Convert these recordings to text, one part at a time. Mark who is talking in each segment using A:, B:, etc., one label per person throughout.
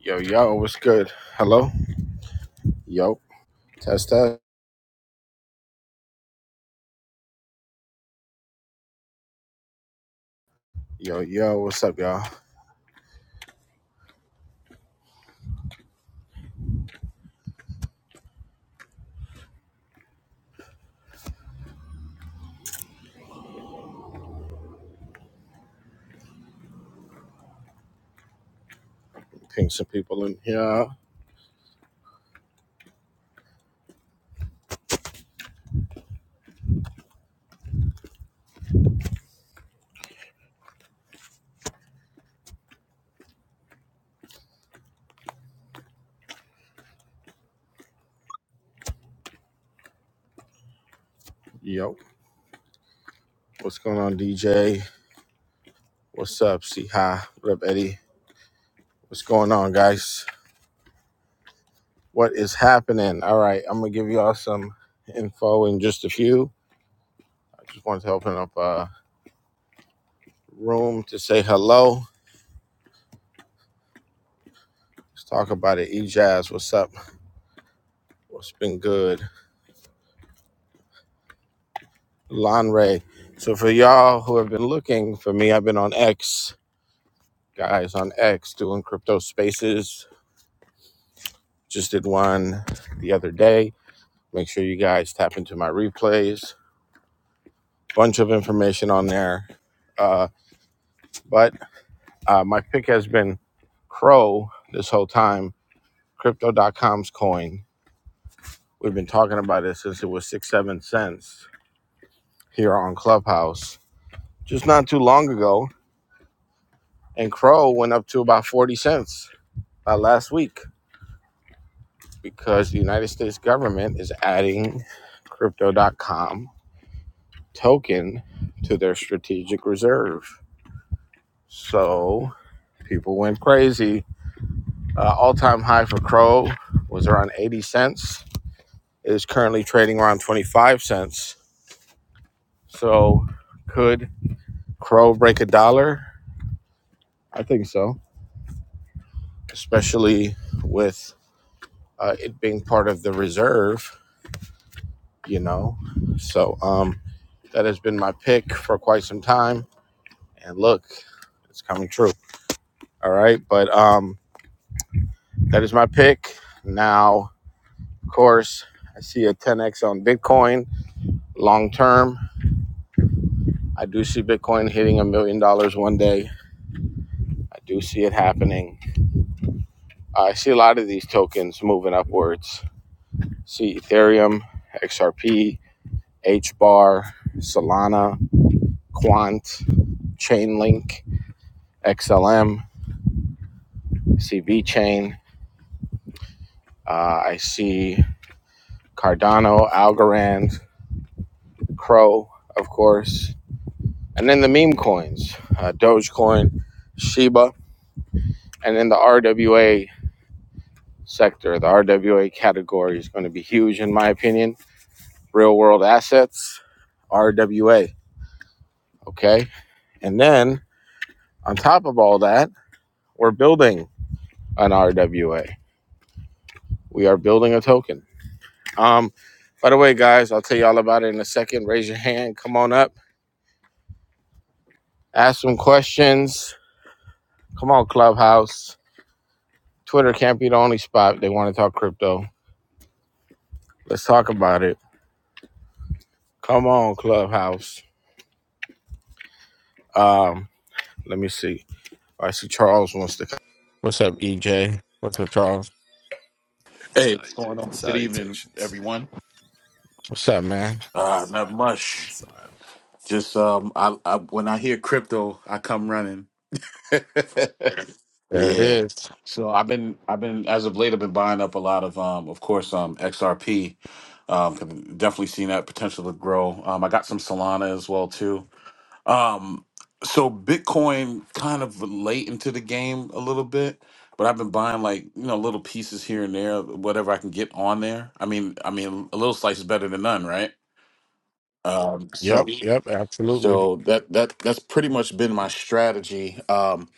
A: Yo, yo, what's good? Hello? Yo, test test. Yo, yo, what's up, y'all? Ping some people in here. Yo, what's going on, DJ? What's up, C Hi? What up, Eddie? What's going on, guys? What is happening? All right, I'm gonna give y'all some info in just a few. I just wanted to open up a room to say hello. Let's talk about it. E Jazz, what's up? What's been good? Lon Ray. So for y'all who have been looking for me, I've been on X. guys on X doing crypto spaces. Just did one the other day. Make sure you guys tap into my replays. Bunch of information on there. Uh, but uh, my pick has been Crow this whole time, Crypto. dot com's coin. We've been talking about it since it was six, seven cents here on Clubhouse just not too long ago. And Crow went up to about 40 cents uh, last week because the United States government is adding Crypto. dot com. token to their strategic reserve. So people went crazy. Uh, All time high for Crow was around 80 cents. It is currently trading around 25 cents. So could Crow break a dollar? I think so, especially with uh, it being part of the reserve, you know. So um, that has been my pick for quite some time. And look, it's coming true. All right. But um, that is my pick. Now, Of course, I see a 10x on Bitcoin long term. I do see Bitcoin hitting a million dollars one day. I do see it happening. Uh, I see a lot of these tokens moving upwards. See Ethereum, XRP, HBAR, Solana, Quant, Chainlink, XLM, see VChain. Uh, I see Cardano, Algorand, Crow, of course. And then the meme coins, uh, Dogecoin, Shiba, And then the RWA sector, the RWA category is going to be huge, in my opinion. Real world assets, RWA. Okay. And then on top of all that, we're building an RWA. We are building a token. Um, by the way, guys, I'll tell you all about it in a second. Raise your hand. Come on up. Ask some questions. Come on, Clubhouse. Twitter can't be the only spot they want to talk crypto. Let's talk about it. Come on, Clubhouse. Um, let me see. I see Charles wants to. come. What's up, EJ? What's up, Charles?
B: Hey, what's going on? Good evening,
C: Salutations.
B: everyone.
A: What's up, man?
C: Oh,
B: Uh, not much.
C: sorry.
B: Just um, I, I when I hear crypto, I come running.
A: There it
B: yeah.
A: is.
B: So I've been I've been as of late I've been buying up a lot of um, of course um XRP. Um, 'cause I've definitely seen that potential to grow. Um, I got some Solana as well too. Um, so Bitcoin kind of late into the game a little bit, but I've been buying like you know little pieces here and there, whatever I can get on there. I mean, I mean, a little slice is better than none, right? Um, so
A: Yep, yep, absolutely.
B: so that that that's pretty much been my strategy. Um,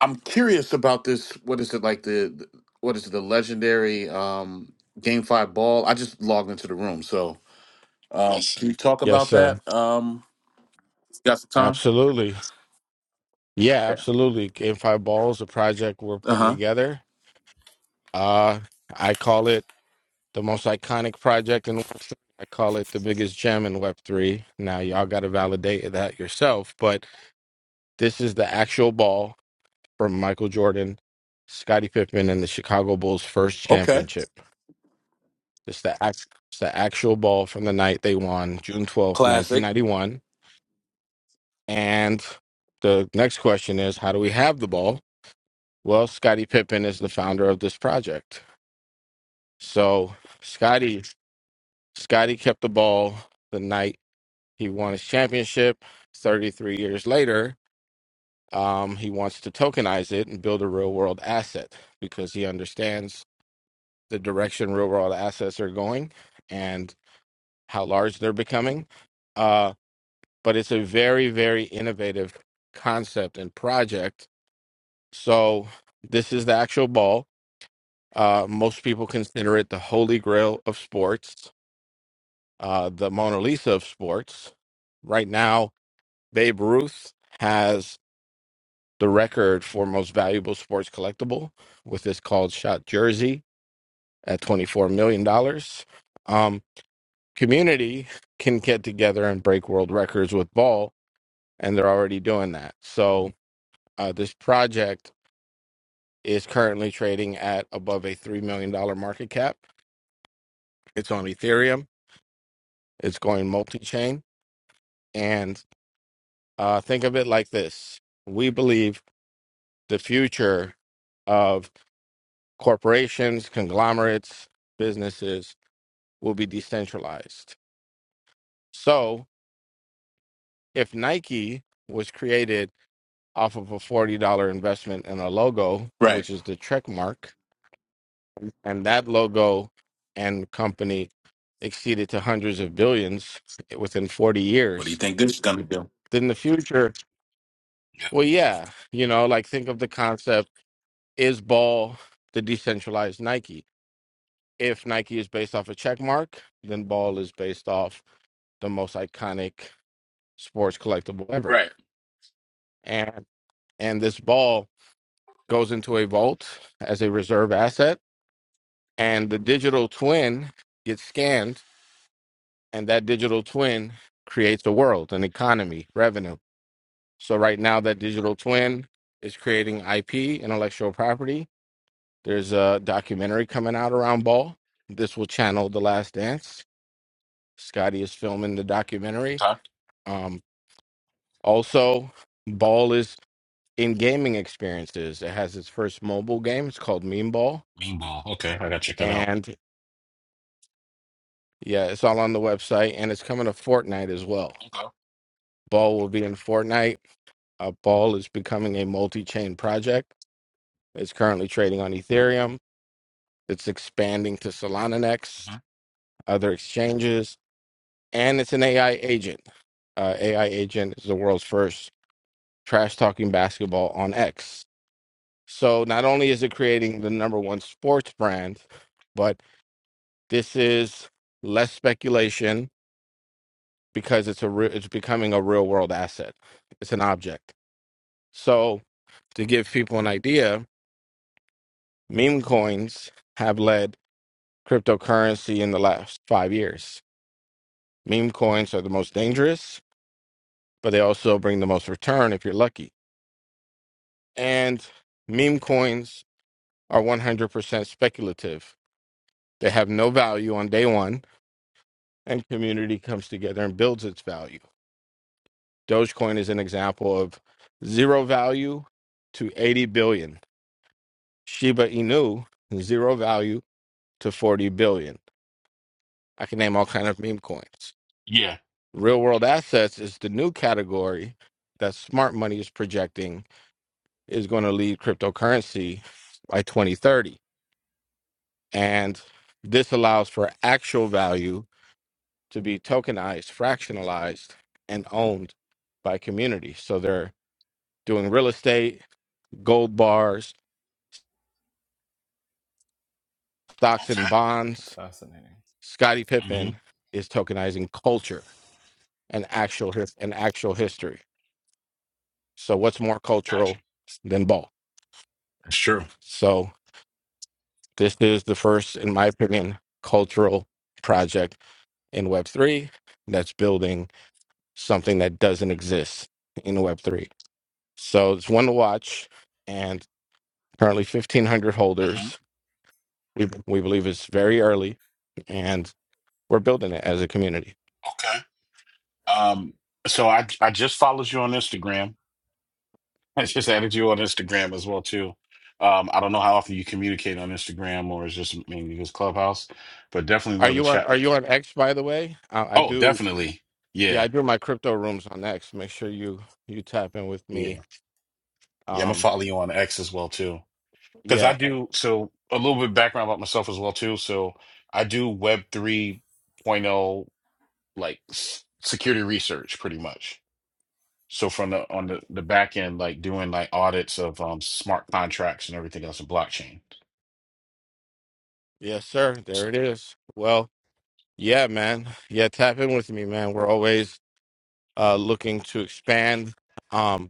B: I'm curious about this. What is it like the the- what is it, the legendary um game five ball? I just logged into the room, so um, can you talk
A: Yes,
B: about
A: sir.
B: that? Um, got some time?
A: Absolutely. Yeah,
B: Yeah.
A: absolutely. Game Five Balls, a project we're
B: Uh
A: putting
B: huh.
A: together. Uh, I call it the most iconic project in Web3. I call it the biggest gem in Web3. Now, y'all got to validate that yourself, but this is the actual ball from Michael Jordan, Scottie Pippen, and the Chicago Bulls' first
B: Okay.
A: championship. It's the act, it's the actual ball from the night they won, June twelfth, nineteen
B: Classic.
A: ninety one. And the next question is, how do we have the ball? Well, Scottie Pippen is the founder of this project. So Scottie Scottie kept the ball the night he won his championship. Thirty three years later, um, he wants to tokenize it and build a real world asset because he understands the direction real world assets are going and how large they're becoming Uh, but it's a very very innovative concept and project so this is the actual ball uh, most people consider it the holy grail of sports uh, the mona lisa of sports right now babe ruth has the record for most valuable sports collectible with this called shot jersey at $24 million dollars. um, community can get together and break world records with ball and they're already doing that so uh, this project is currently trading at above a $3 million dollars market cap. It's on Ethereum, it's going multi chain. And uh, think of it like this we believe the future of corporations, conglomerates, businesses will be decentralized. So if Nike was created off of a $40 investment in a logo,
B: Right.
A: which is the trek mark, and that logo and company exceeded to hundreds of billions within 40
B: What do you
A: years
B: think this is gonna do?
A: then the future well yeah you know like think of the concept is ball the decentralized nike if nike is based off a check mark then ball is based off the most iconic sports collectible ever
B: Right.
A: and and this ball goes into a vault as a reserve asset and the digital twin gets scanned and that digital twin creates a world, an economy, revenue. So right now, that digital twin is creating IP, intellectual property. There's a documentary coming out around Ball. This will channel The Last Dance. Scotty is filming the documentary.
B: Okay.
A: Um, also, Ball is in gaming experiences. It has its first mobile game. It's called Meme Ball,
B: Meanwhile. Okay, I gotta check that out.
A: and yeah, it's all on the website, and it's coming to Fortnite as well. Ball will be in Fortnite Uh, Ball is becoming a multi chain project. It's currently trading on Ethereum. It's expanding to Solana next, other exchanges, and it's an AI agent. Uh, AI agent is the world's first trash talking basketball on X. So not only is it creating the number one sports brand, but this is less speculation because it's a re- it's becoming a real world asset. It's an object. So to give people an idea, meme coins have led cryptocurrency in the last five years. Meme coins are the most dangerous, but they also bring the most return if you're lucky. And meme coins are 100% speculative. They have no value on day one, and community comes together and builds its value. Dogecoin is an example of zero value to 80 billion. Shiba Inu, zero value to 40 billion. I can name all kind of meme coins.
B: Yeah.
A: Real world assets is the new category that smart money is projecting is going to lead cryptocurrency by 2030. And this allows for actual value to be tokenized, fractionalized, and owned by communities. So they're doing real estate, gold bars, stocks and
B: Okay.
C: That's
A: bonds.
C: fascinating.
A: Scottie
B: Mm-hmm.
A: Pippen is tokenizing culture and actual his- and actual history. So what's more
B: Gotcha.
A: cultural than ball?
B: That's true.
A: So This is the first, in my opinion, cultural project in Web3 that's building something that doesn't exist in Web3. So it's one to watch, and currently 1,500
B: hmm
A: holders. We, we believe it's very early, and we're building it as a community.
B: Okay. Um. So I I just followed you on Instagram. I just added you on Instagram as well too. Um. I don't know how often you communicate on Instagram or it's just mainly just Clubhouse, but definitely
A: Are
B: love the
A: you on?
B: chat.
A: Are you on X? By the way, I, I
B: Oh,
A: do.
B: definitely.
A: Yeah,
B: Yeah.
A: I do my crypto rooms on X. Make sure you you tap in with me.
B: Yeah. Yeah. I'm gonna
A: Um,
B: follow you on X as well too. because I
A: yeah, I-
B: do so a little bit of background about myself as well too. So I do Web 3.0 like s- security research pretty much. So from the on the, the back end, like doing like audits of um, smart contracts and everything else in blockchain.
A: yes, sir. There it is. Well, yeah, man. Yeah, tap in with me, man. We're always uh looking to expand. Um,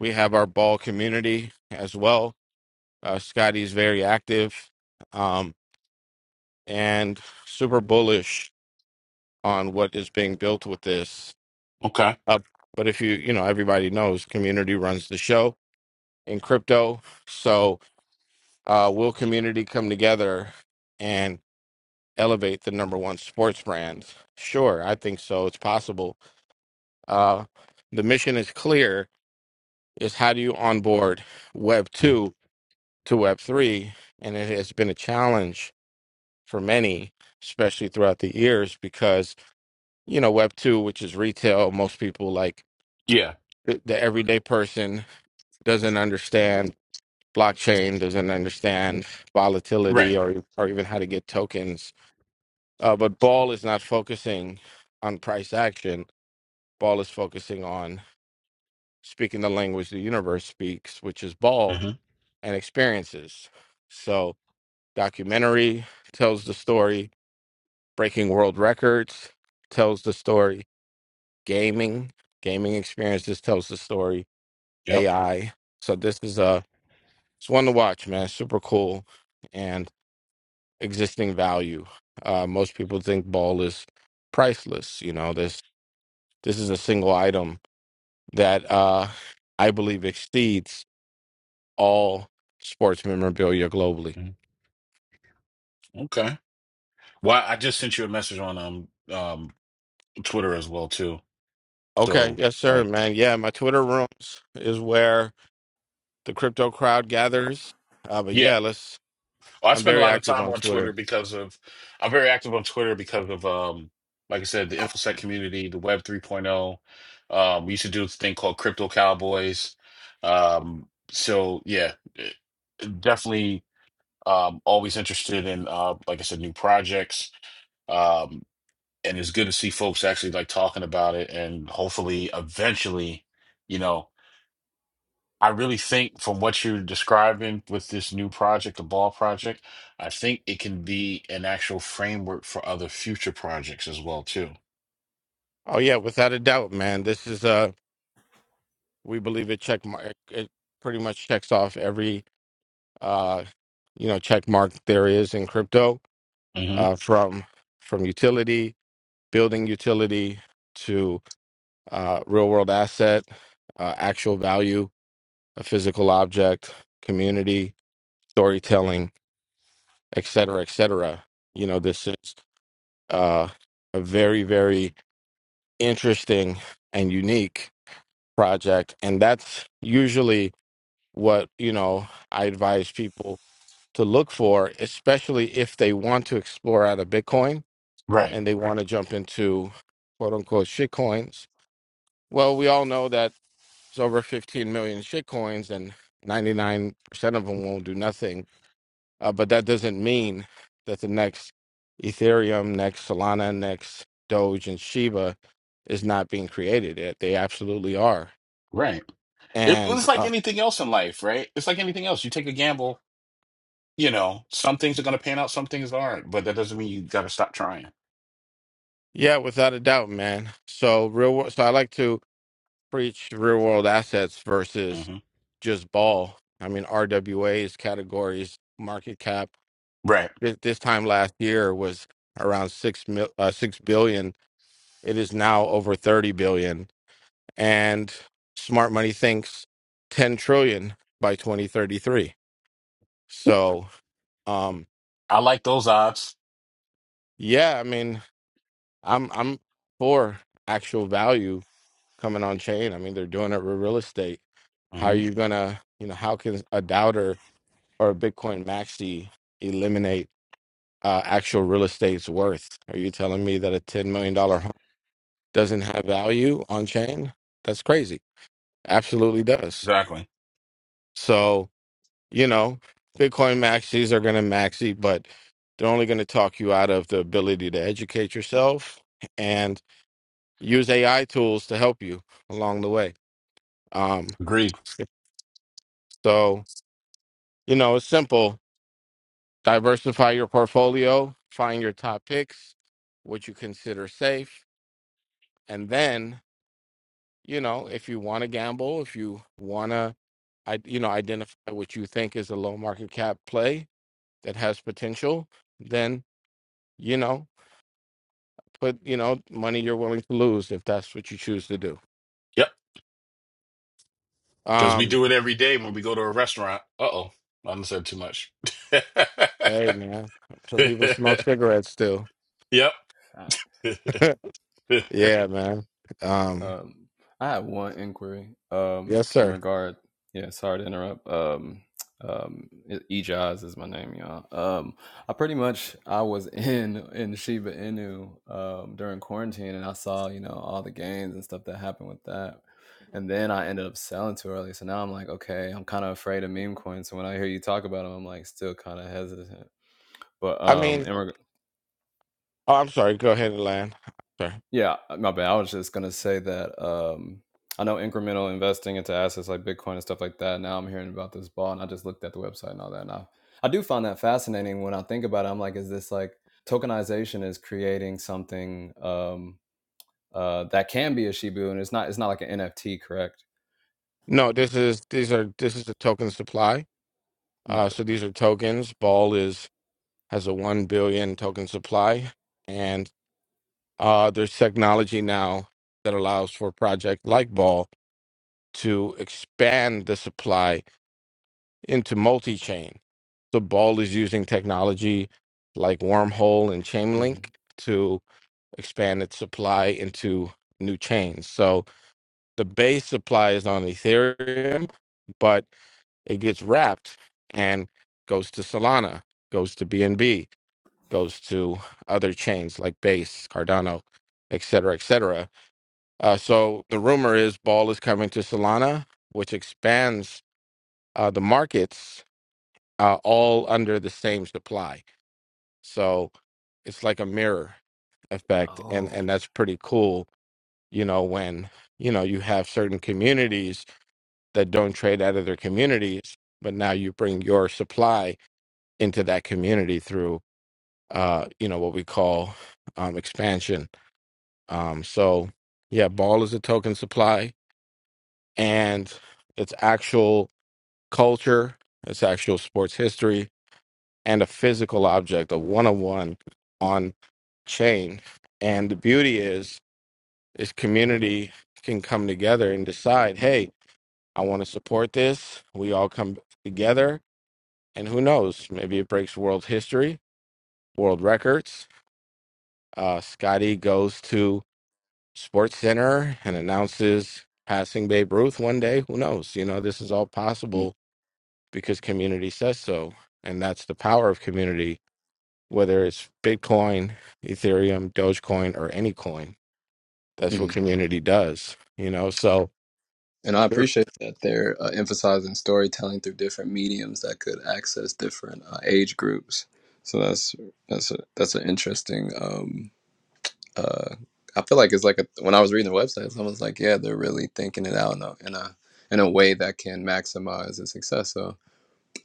A: we have our ball community as well. Uh, Scotty's very active, um, and super bullish on what is being built with this.
B: Okay.
A: Uh, but if you, you know, everybody knows community runs the show in crypto. So uh, will community come together and elevate the number one sports brands? Sure, I think so. It's possible. Uh, the mission is clear: is how do you onboard Web
B: Mhm.
A: two to Web three? And it has been a challenge for many, especially throughout the years, because you know Web two, which is retail, most people like
B: Yeah.
A: the, the everyday person doesn't understand blockchain, doesn't understand
B: Right.
A: volatility, or or even how to get tokens Uh, but Ball is not focusing on price action. Ball is focusing on speaking the language the universe speaks, which is Ball
B: hmm
A: and experiences. So, documentary tells the story, breaking world records tells the story, gaming, gaming experiences tells the story,
B: Yep.
A: AI. So, this is a it's one to watch, man. Super cool and existing value. Uh, most people think Ball is priceless. You know, this this is a single item that uh, I believe exceeds all sports memorabilia globally.
B: Mhm. Okay. Well, I just sent you a message on um um Twitter as well too.
A: Okay,
B: So
A: yes, sir,
B: like
A: man. Yeah, my Twitter rooms is where the crypto crowd gathers. Uh, but
B: yeah.
A: yeah, let's.
B: Well, I
A: I'm
B: spend a
A: very
B: lot of
A: active
B: time
A: on
B: on Twitter
A: Twitter.
B: because of I'm very active on Twitter because of um like I said the InfoSec community, the Web 3.0. Um, we used to do this thing called Crypto Cowboys. Um, so yeah, eh, definitely um always interested in uh like I said new projects. Um, and it's good to see folks actually like talking about it and hopefully eventually, you know. I really think from what you're describing with this new project, the ball project, I think it can be an actual framework for other future projects as well too.
A: Oh yeah, without a doubt, man. This is uh, we believe it check mark. It pretty much checks off every uh, you know, check mark there is in crypto.
B: hmm
A: Uh, from from utility, building utility uh, real world asset, uh, actual value, a physical object, community, storytelling, et cetera, et cetera. You know, this is uh, a very, very interesting and unique project. And that's usually what, you know, I advise people to look for, especially if they want to explore out of Bitcoin
B: Right.
A: and they want to jump into quote unquote shit coins. Well, we all know that It's over 15 million shitcoins, and 99% of them won't do nothing. Uh, but that doesn't mean that the next Ethereum, next Solana, next Doge, and Shiba is not being created. It- They absolutely are.
B: Right. It,
A: And
B: it's like
A: uh,
B: anything else in life, right? It's like anything else. You take a gamble, you know, some things are going to pan out, some things aren't, but that doesn't mean you got to stop trying.
A: yeah, without a doubt, man. So real. wor- So I like to preach real world assets versus
B: hmm
A: just ball. I mean, RWA's categories market cap
B: Right.
A: this, this time last year was around six mil, uh, six billion, It is now over 30 billion. And smart money thinks 10 trillion by 2033. So, um,
B: I like those odds.
A: yeah, I mean, I'm, I'm for actual value coming on chain. I mean, they're doing it with real estate. How are
B: hmm
A: you going to, you know, how can a doubter or a Bitcoin maxi eliminate uh, actual real estate's worth? Are you telling me that a $10 million dollar home doesn't have value on chain? That's crazy. Absolutely does.
B: Exactly.
A: So, you know, Bitcoin maxis are going to maxi, but they're only going to talk you out of the ability to educate yourself and use AI tools to help you along the way. Um,
B: Agreed.
A: so, you know, it's simple. Diversify your portfolio, find your top picks, what you consider safe. And then, you know, if you want to gamble, if you want to, I, you know, identify what you think is a low market cap play that has potential, then, you know, but you know, money you're willing to lose if that's what you choose to do.
B: Yep. Because we
A: Um,
B: do it every day when we go to a restaurant. Uh-oh. I done said too much.
A: hey man, some people smoke cigarettes still.
B: Yep.
C: Fact.
B: yeah,
A: yeah, man. Um,
C: Um, I had one inquiry.
A: yes,
C: Um, in
A: sir.
C: regard, yeah, sorry to interrupt. Um, um, Ejaz is my name, y'all. Um, I pretty much I was in in Shiba Inu um during quarantine, and I saw you know all the gains and stuff that happened with that. And then I ended up selling too early, so now I'm like, okay, I'm kind of afraid of meme coins. So when I hear you talk about them, I'm like still kind of hesitant. But
A: I
C: um,
A: mean,
C: in, reg-
A: oh, I'm sorry. Go ahead, Lan. Sorry.
C: Yeah, uh, my bad. I was just gonna say that um, I know incremental investing into assets like Bitcoin and stuff like that. Now I'm hearing about this ball, and I just looked at the website and all that. And I, I do find that fascinating when I think about it. I'm like, is this like tokenization is creating something um, uh, that can be a Shibu, and it's not. It's not like an NFT, correct?
A: No, this is these are this is the token supply. Uh,
C: No.
A: so these are tokens. Ball is has a one billion token supply, and uh, there's technology now that allows for a project like Ball to expand the supply into multi chain. So Ball is using technology like Wormhole and
C: hmm
A: Chainlink to expand its supply into new chains. So the base supply is on Ethereum, but it gets wrapped and goes to Solana, goes to BNB, goes to other chains like Base, Cardano, et cetera, et cetera. Uh, so the rumor is Ball is coming to Solana, which expands uh, the markets uh, all under the same supply. So it's like a mirror effect, and
C: Oh.
A: and that's pretty cool. You know, when you know you have certain communities that don't trade out of their communities, but now you bring your supply into that community through uh, you know what we call um, expansion. Um, so yeah, ball is a token supply, and it's actual culture, it's actual sports history, and a physical object, a one-on-one on chain. And the beauty is, is community can come together and decide, hey, I want to support this. We all come together, and who knows? Maybe it breaks world history, world records. Uh, Scotty goes to Sports Center and announces passing Babe Ruth one day. Who knows? You know, this is all possible because community says so, and that's the power of community whether it's Bitcoin, Ethereum, Dogecoin, or any coin. That's
C: Mhm.
A: what community does, you know. So,
C: And I
A: and
C: appreciate that they're uh, emphasizing storytelling through different mediums that could access different uh, age groups. So that's that's a, that's an interesting. Um, uh, I feel like it's like a, when I was reading the website, someone was like, "Yeah, they're really thinking it out in a in a, in a way that can maximize its success." So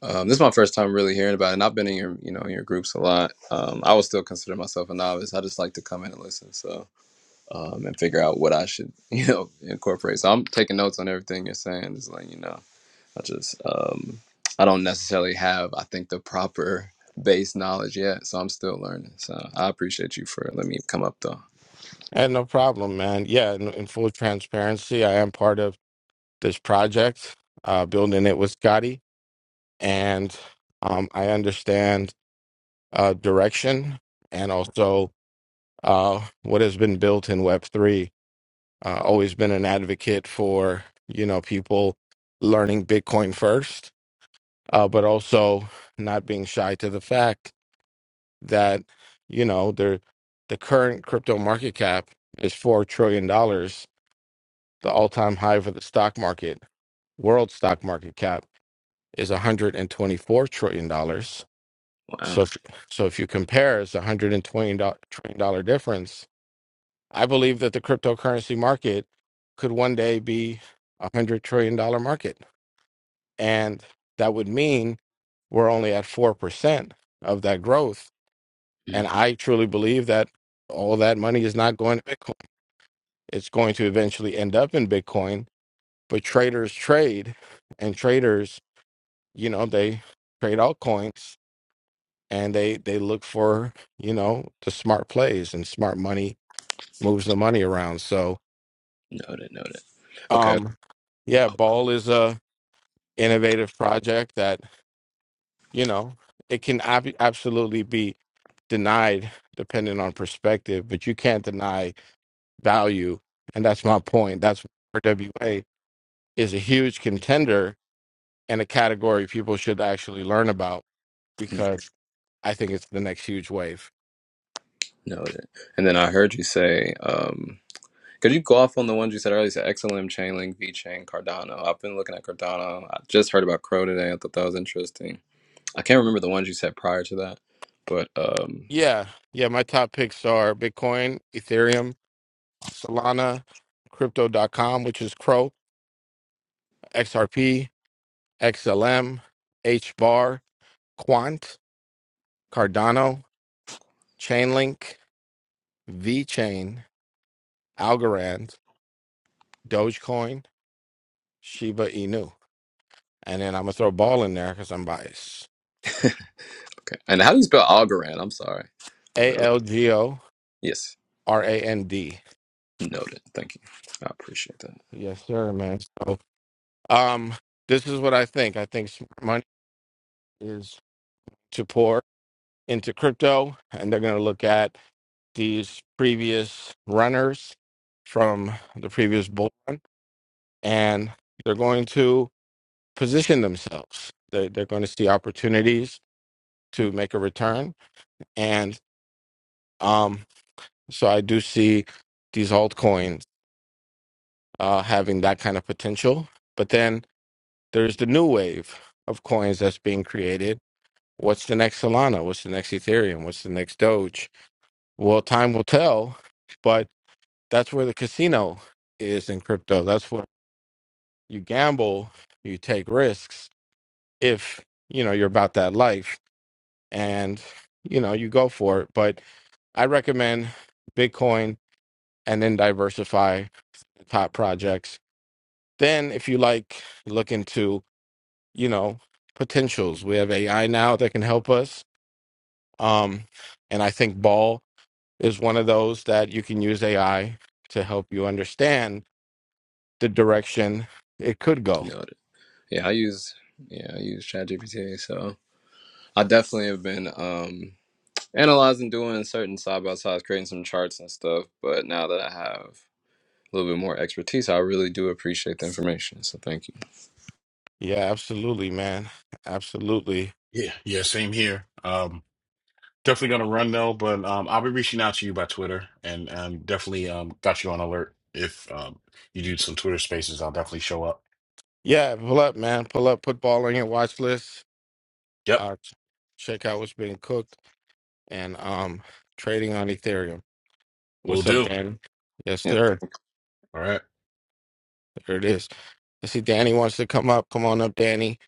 C: um, this is my first time really hearing about it, and I've been in your you know in your groups a lot. Um, I would still consider myself a novice. I just like to come in and listen. So um, and figure out what I should, you know, incorporate. So I'm taking notes on everything you're saying, just letting you know. I just, um, I don't necessarily have, I think, the proper base knowledge yet, so I'm still learning. So I appreciate you for letting me come up though.
A: no problem, man. Yeah, in, in full transparency, I am part of this project, uh, building it with Scotty, and um, I understand uh, direction and also uh, what has been built in Web three. Uh, always been an advocate for you know people learning Bitcoin first, uh, but also not being shy to the fact that you know their the current crypto market cap is four trillion dollars. The all time high for the stock market, world stock market cap is one hundred and twenty four trillion dollars.
C: Wow.
A: So if, so if you compare, it's a one hundred and twenty trillion dollar difference. I believe that the cryptocurrency market could one day be a hundred trillion dollar market, and that would mean we're only at four percent of that growth
C: Mm.
A: And I truly believe that all that money is not going to Bitcoin. It's going to eventually end up in Bitcoin. But traders trade, and traders, you know, they trade altcoins and they they look for you know the smart plays and smart money moves the money around. So,
C: Noted, noted. Okay,
A: um, yeah, Ball is a innovative project that you know it can ab- absolutely be denied depending on perspective, but you can't deny value. And that's my point. That's why RWA is a huge contender and a category people should actually learn about
C: Mm.
A: because I think it's the next huge wave.
C: noted. And then I heard you say, um, could you go off on the ones you said earlier? You said XLM, Chainlink, VChain, Cardano. I've been looking at Cardano. I just heard about Crow today. I thought that was interesting. I can't remember the ones you said prior to that, but um,
A: Yeah. Yeah. My top picks are Bitcoin, Ethereum, Solana, Crypto. dot com, which is Crow, XRP, XLM, HBAR, Quant, Cardano, Chainlink, VChain, Algorand, Dogecoin, Shiba Inu. And then I'm gonna throw ball in there because I'm biased.
C: Okay. And how do you spell Algorand? I'm sorry. A
A: A
C: little.
A: L G O
C: Yes.
A: R A N D.
C: Noted. Thank you. I appreciate that.
A: Yes, sir, man. So um this is what I think. I think smart money is to pour into crypto and they're gonna look at these previous runners from the previous bull run and they're going to position themselves. They they're going to see opportunities to make a return. And um so I do see these altcoins. uh, having that kind of potential. But then there's the new wave of coins that's being created. What's the next Solana? What's the next Ethereum? What's the next Doge? Well, time will tell, but that's where the casino is in crypto. That's where you gamble, you take risks if you know you're about that life and you know you go for it. But I recommend Bitcoin and then diversify top projects. Then, if you like, look into you know potentials. We have AI now that can help us, um, and I think Ball is one of those that you can use AI to help you understand the direction it could go.
C: Noted. Yeah, I use yeah, I use ChatGPT. So I definitely have been um analyzing, doing certain side by sides, creating some charts and stuff. But now that I have a little bit more expertise, I really do appreciate the information. So thank you.
A: Yeah, absolutely, man. Absolutely.
B: yeah, same here. Um, definitely gonna run though, but um, I'll be reaching out to you by Twitter, and um, definitely um, got you on alert. If um, you do some Twitter spaces, I'll definitely show up.
A: Yeah, pull up, man. Pull up, put ball on your watch list.
B: Yep,
A: Uh, ch- check out what's being cooked and um trading on Ethereum.
B: we'll
A: What's up,
B: do.
A: Danny? Yes,
C: Yeah.
A: sir.
B: All right.
A: There it is. I see Danny wants to come up. Come on up, Danny.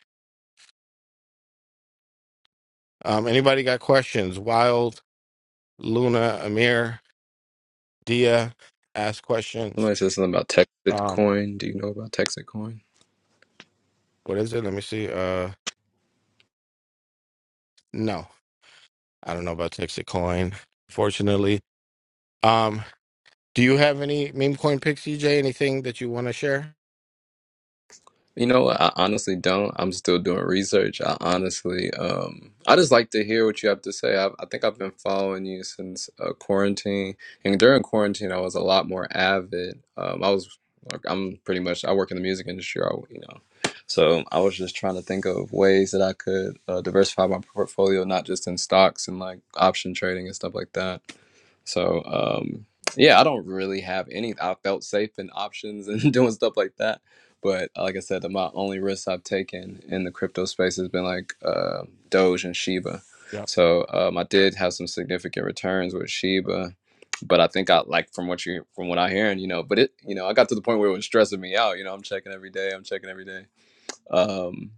A: Um, anybody got questions? Wild Luna, Amir, Dia, ask questions.
C: Somebody said something about Texit
A: Um,
C: Coin. Do you know about Texit Coin?
A: what is it? Let me see. Uh, no, I don't know about Texas Coin, fortunately. Um, do you have any meme coin picks, CJ? Anything that you want to share?
C: You know what? I honestly don't. I'm still doing research. I honestly, um, I just like to hear what you have to say. I, I think I've been following you since uh, quarantine, and during quarantine, I was a lot more avid. Um, I was, like, I'm pretty much, I work in the music industry, I, you know, so I was just trying to think of ways that I could uh, diversify my portfolio, not just in stocks and like option trading and stuff like that. So, um, yeah, I don't really have any. I felt safe in options and doing stuff like that but like I said, the, my only risks I've taken in the crypto space has been like uh, Doge and Shiba.
A: Yep.
C: So um, I did have some significant returns with Shiba, but I think I like from what you from what I hearing, you know. But it, you know, I got to the point where it was stressing me out. You know, I'm checking every day. I'm checking every day. Um,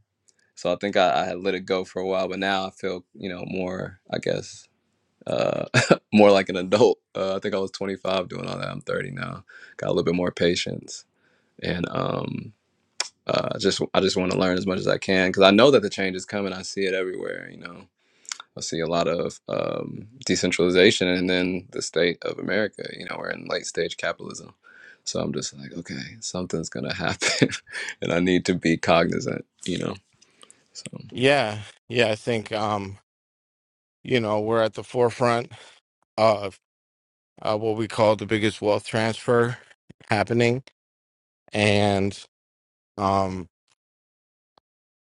C: so I think I, I had let it go for a while, but now I feel you know more. I guess uh, more like an adult. Uh, I think I was 25 doing all that. I'm 30 now. Got a little bit more patience and um uh, just I just want to learn as much as I can because I know that the change is coming. I see it everywhere. You know, I see a lot of um, decentralization, and then the state of America. You know, we're in late stage capitalism, so I'm just like, okay, something's gonna happen, and I need to be cognizant. You know, so
A: Yeah, yeah. I think um, you know, we're at the forefront of uh, what we call the biggest wealth transfer happening, and um,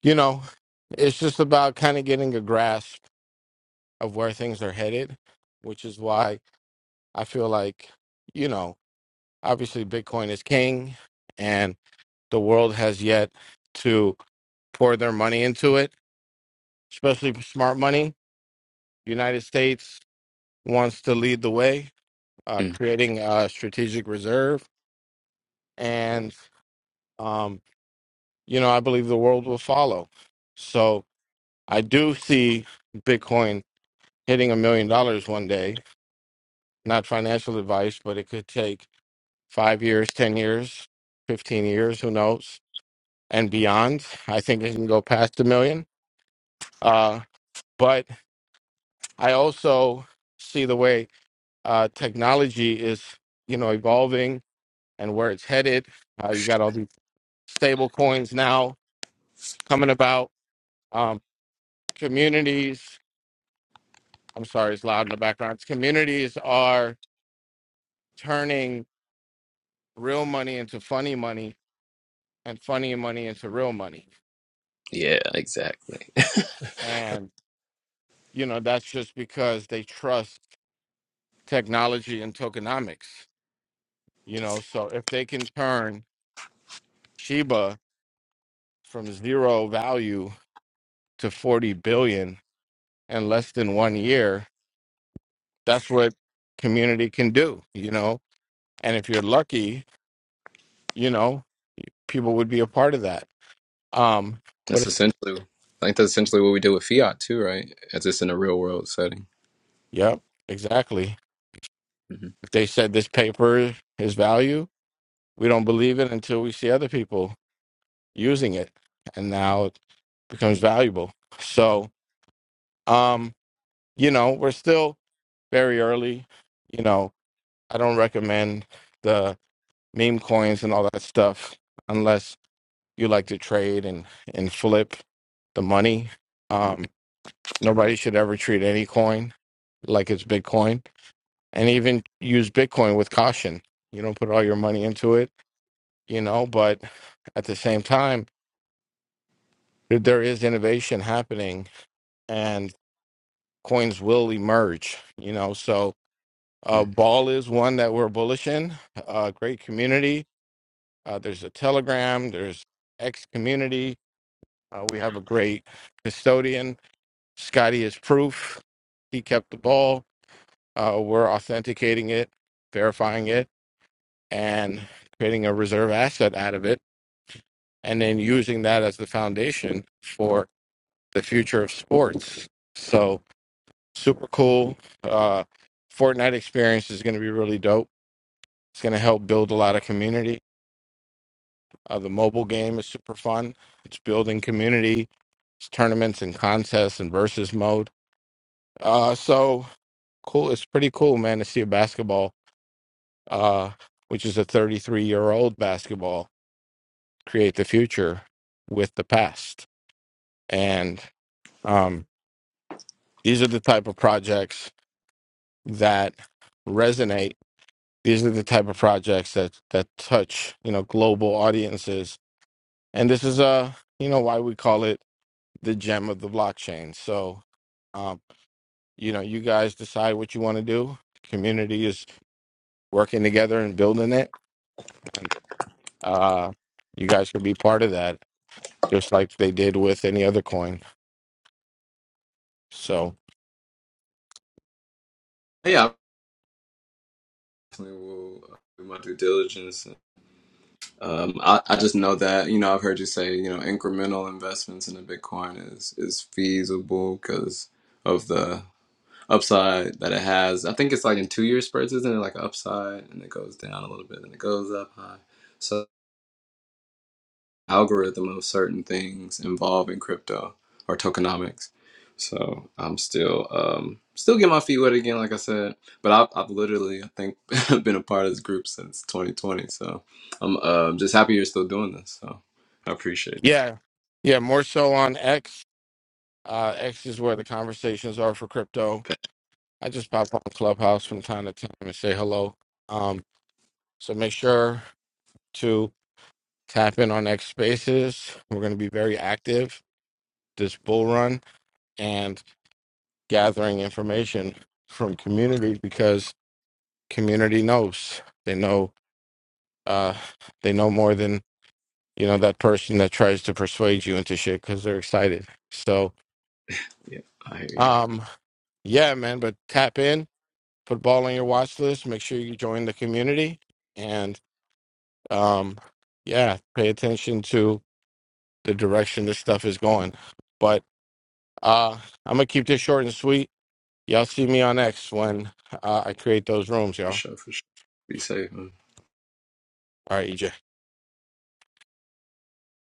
A: you know, it's just about kind of getting a grasp of where things are headed, which is why I feel like, you know, obviously Bitcoin is king and the world has yet to pour their money into it, especially smart money. United States wants to lead the way, uh,
C: mm,
A: creating a strategic reserve. And, um, you know, I believe the world will follow. So I do see Bitcoin hitting a million dollars one day, not financial advice, but it could take five years, 10 years, 15 years, who knows? and beyond. I think it can go past a million. Uh, but I also see the way uh, technology is, you know, evolving and where it's headed. Uh, you got all these stable coins now coming about. Um, communities, I'm sorry, it's loud in the background. Communities are turning real money into funny money and funny money into real money.
C: yeah, exactly.
A: And, you know, that's just because they trust technology and tokenomics. You know, so if they can turn Sheba from zero value to 40 billion in less than one year, that's what community can do, you know. And if you're lucky, you know, people would be a part of that. Um, but
C: that's
A: it's, like,
C: essentially, I think that's essentially what we do with fiat too, right? It's just in a real world setting.
A: yep, exactly.
C: hmm
A: If they said this paper is value, we don't believe it until we see other people using it. And now it becomes valuable. So, um, you know, we're still very early. You know, I don't recommend the meme coins and all that stuff unless you like to trade and, and flip the money. Um, nobody should ever treat any coin like it's Bitcoin and even use Bitcoin with caution. You don't put all your money into it, you know, but at the same time, there there is innovation happening and coins will emerge, you know, so Uh, Ball is one that we're bullish in. Uh, great community. Uh, there's a Telegram. There's X community. Uh, we have a great custodian. Scotty is proof. He kept the ball. Uh, we're authenticating it, verifying it, and creating a reserve asset out of it, and then using that as the foundation for the future of sports. So super cool. Uh, Fortnite experience is going to be really dope. It's going to help build a lot of community Uh, the mobile game is super fun. It's building community. It's tournaments and contests and versus mode. Uh, so cool. It's pretty cool, man, to see a basketball, uh, which is a 33 year old basketball, create the future with the past. And um, these are the type of projects that resonate. These are the type of projects that that touch, you know, global audiences. And this is uh, you know, why we call it the gem of the blockchain. So, um, you know, you guys decide what you want to do. Community is working together and building it, and uh, you guys can be part of that, just like they did with any other coin. So,
C: Yeah, I definitely will uh, do my due diligence Um, I, I just know that, you know, I've heard you say, you know, incremental investments into Bitcoin is is feasible because of the upside that it has. I think it's like in two year spurts, isn't it? Like upside and it goes down a little bit and it goes up high. So algorithm of certain things involving crypto or tokenomics. So I'm still um, still getting my feet wet again, like I said. But I've, I've literally, I think, been a part of this group since 2020. So I'm uh, just happy you're still doing this. So I appreciate
A: yeah, yeah, more so on X. Uh, X is where the conversations are for crypto.
C: that.
A: I just pop on Clubhouse from time to time and say hello. Um, so make sure to tap in on X Spaces. We're going to be very active this bull run, and gathering information from community because community knows they know uh they know more than you know that person that tries to persuade you into shit because they're excited so
C: Yeah, I hear you.
A: um yeah man but tap in put ball on your watch list make sure you join the community and um yeah pay attention to the direction this stuff is going but uh i'm gonna keep this short and sweet y'all see me on x when uh, i create those rooms
C: For
A: y'all
C: sure, for sure. Be safe, man.
A: all right ej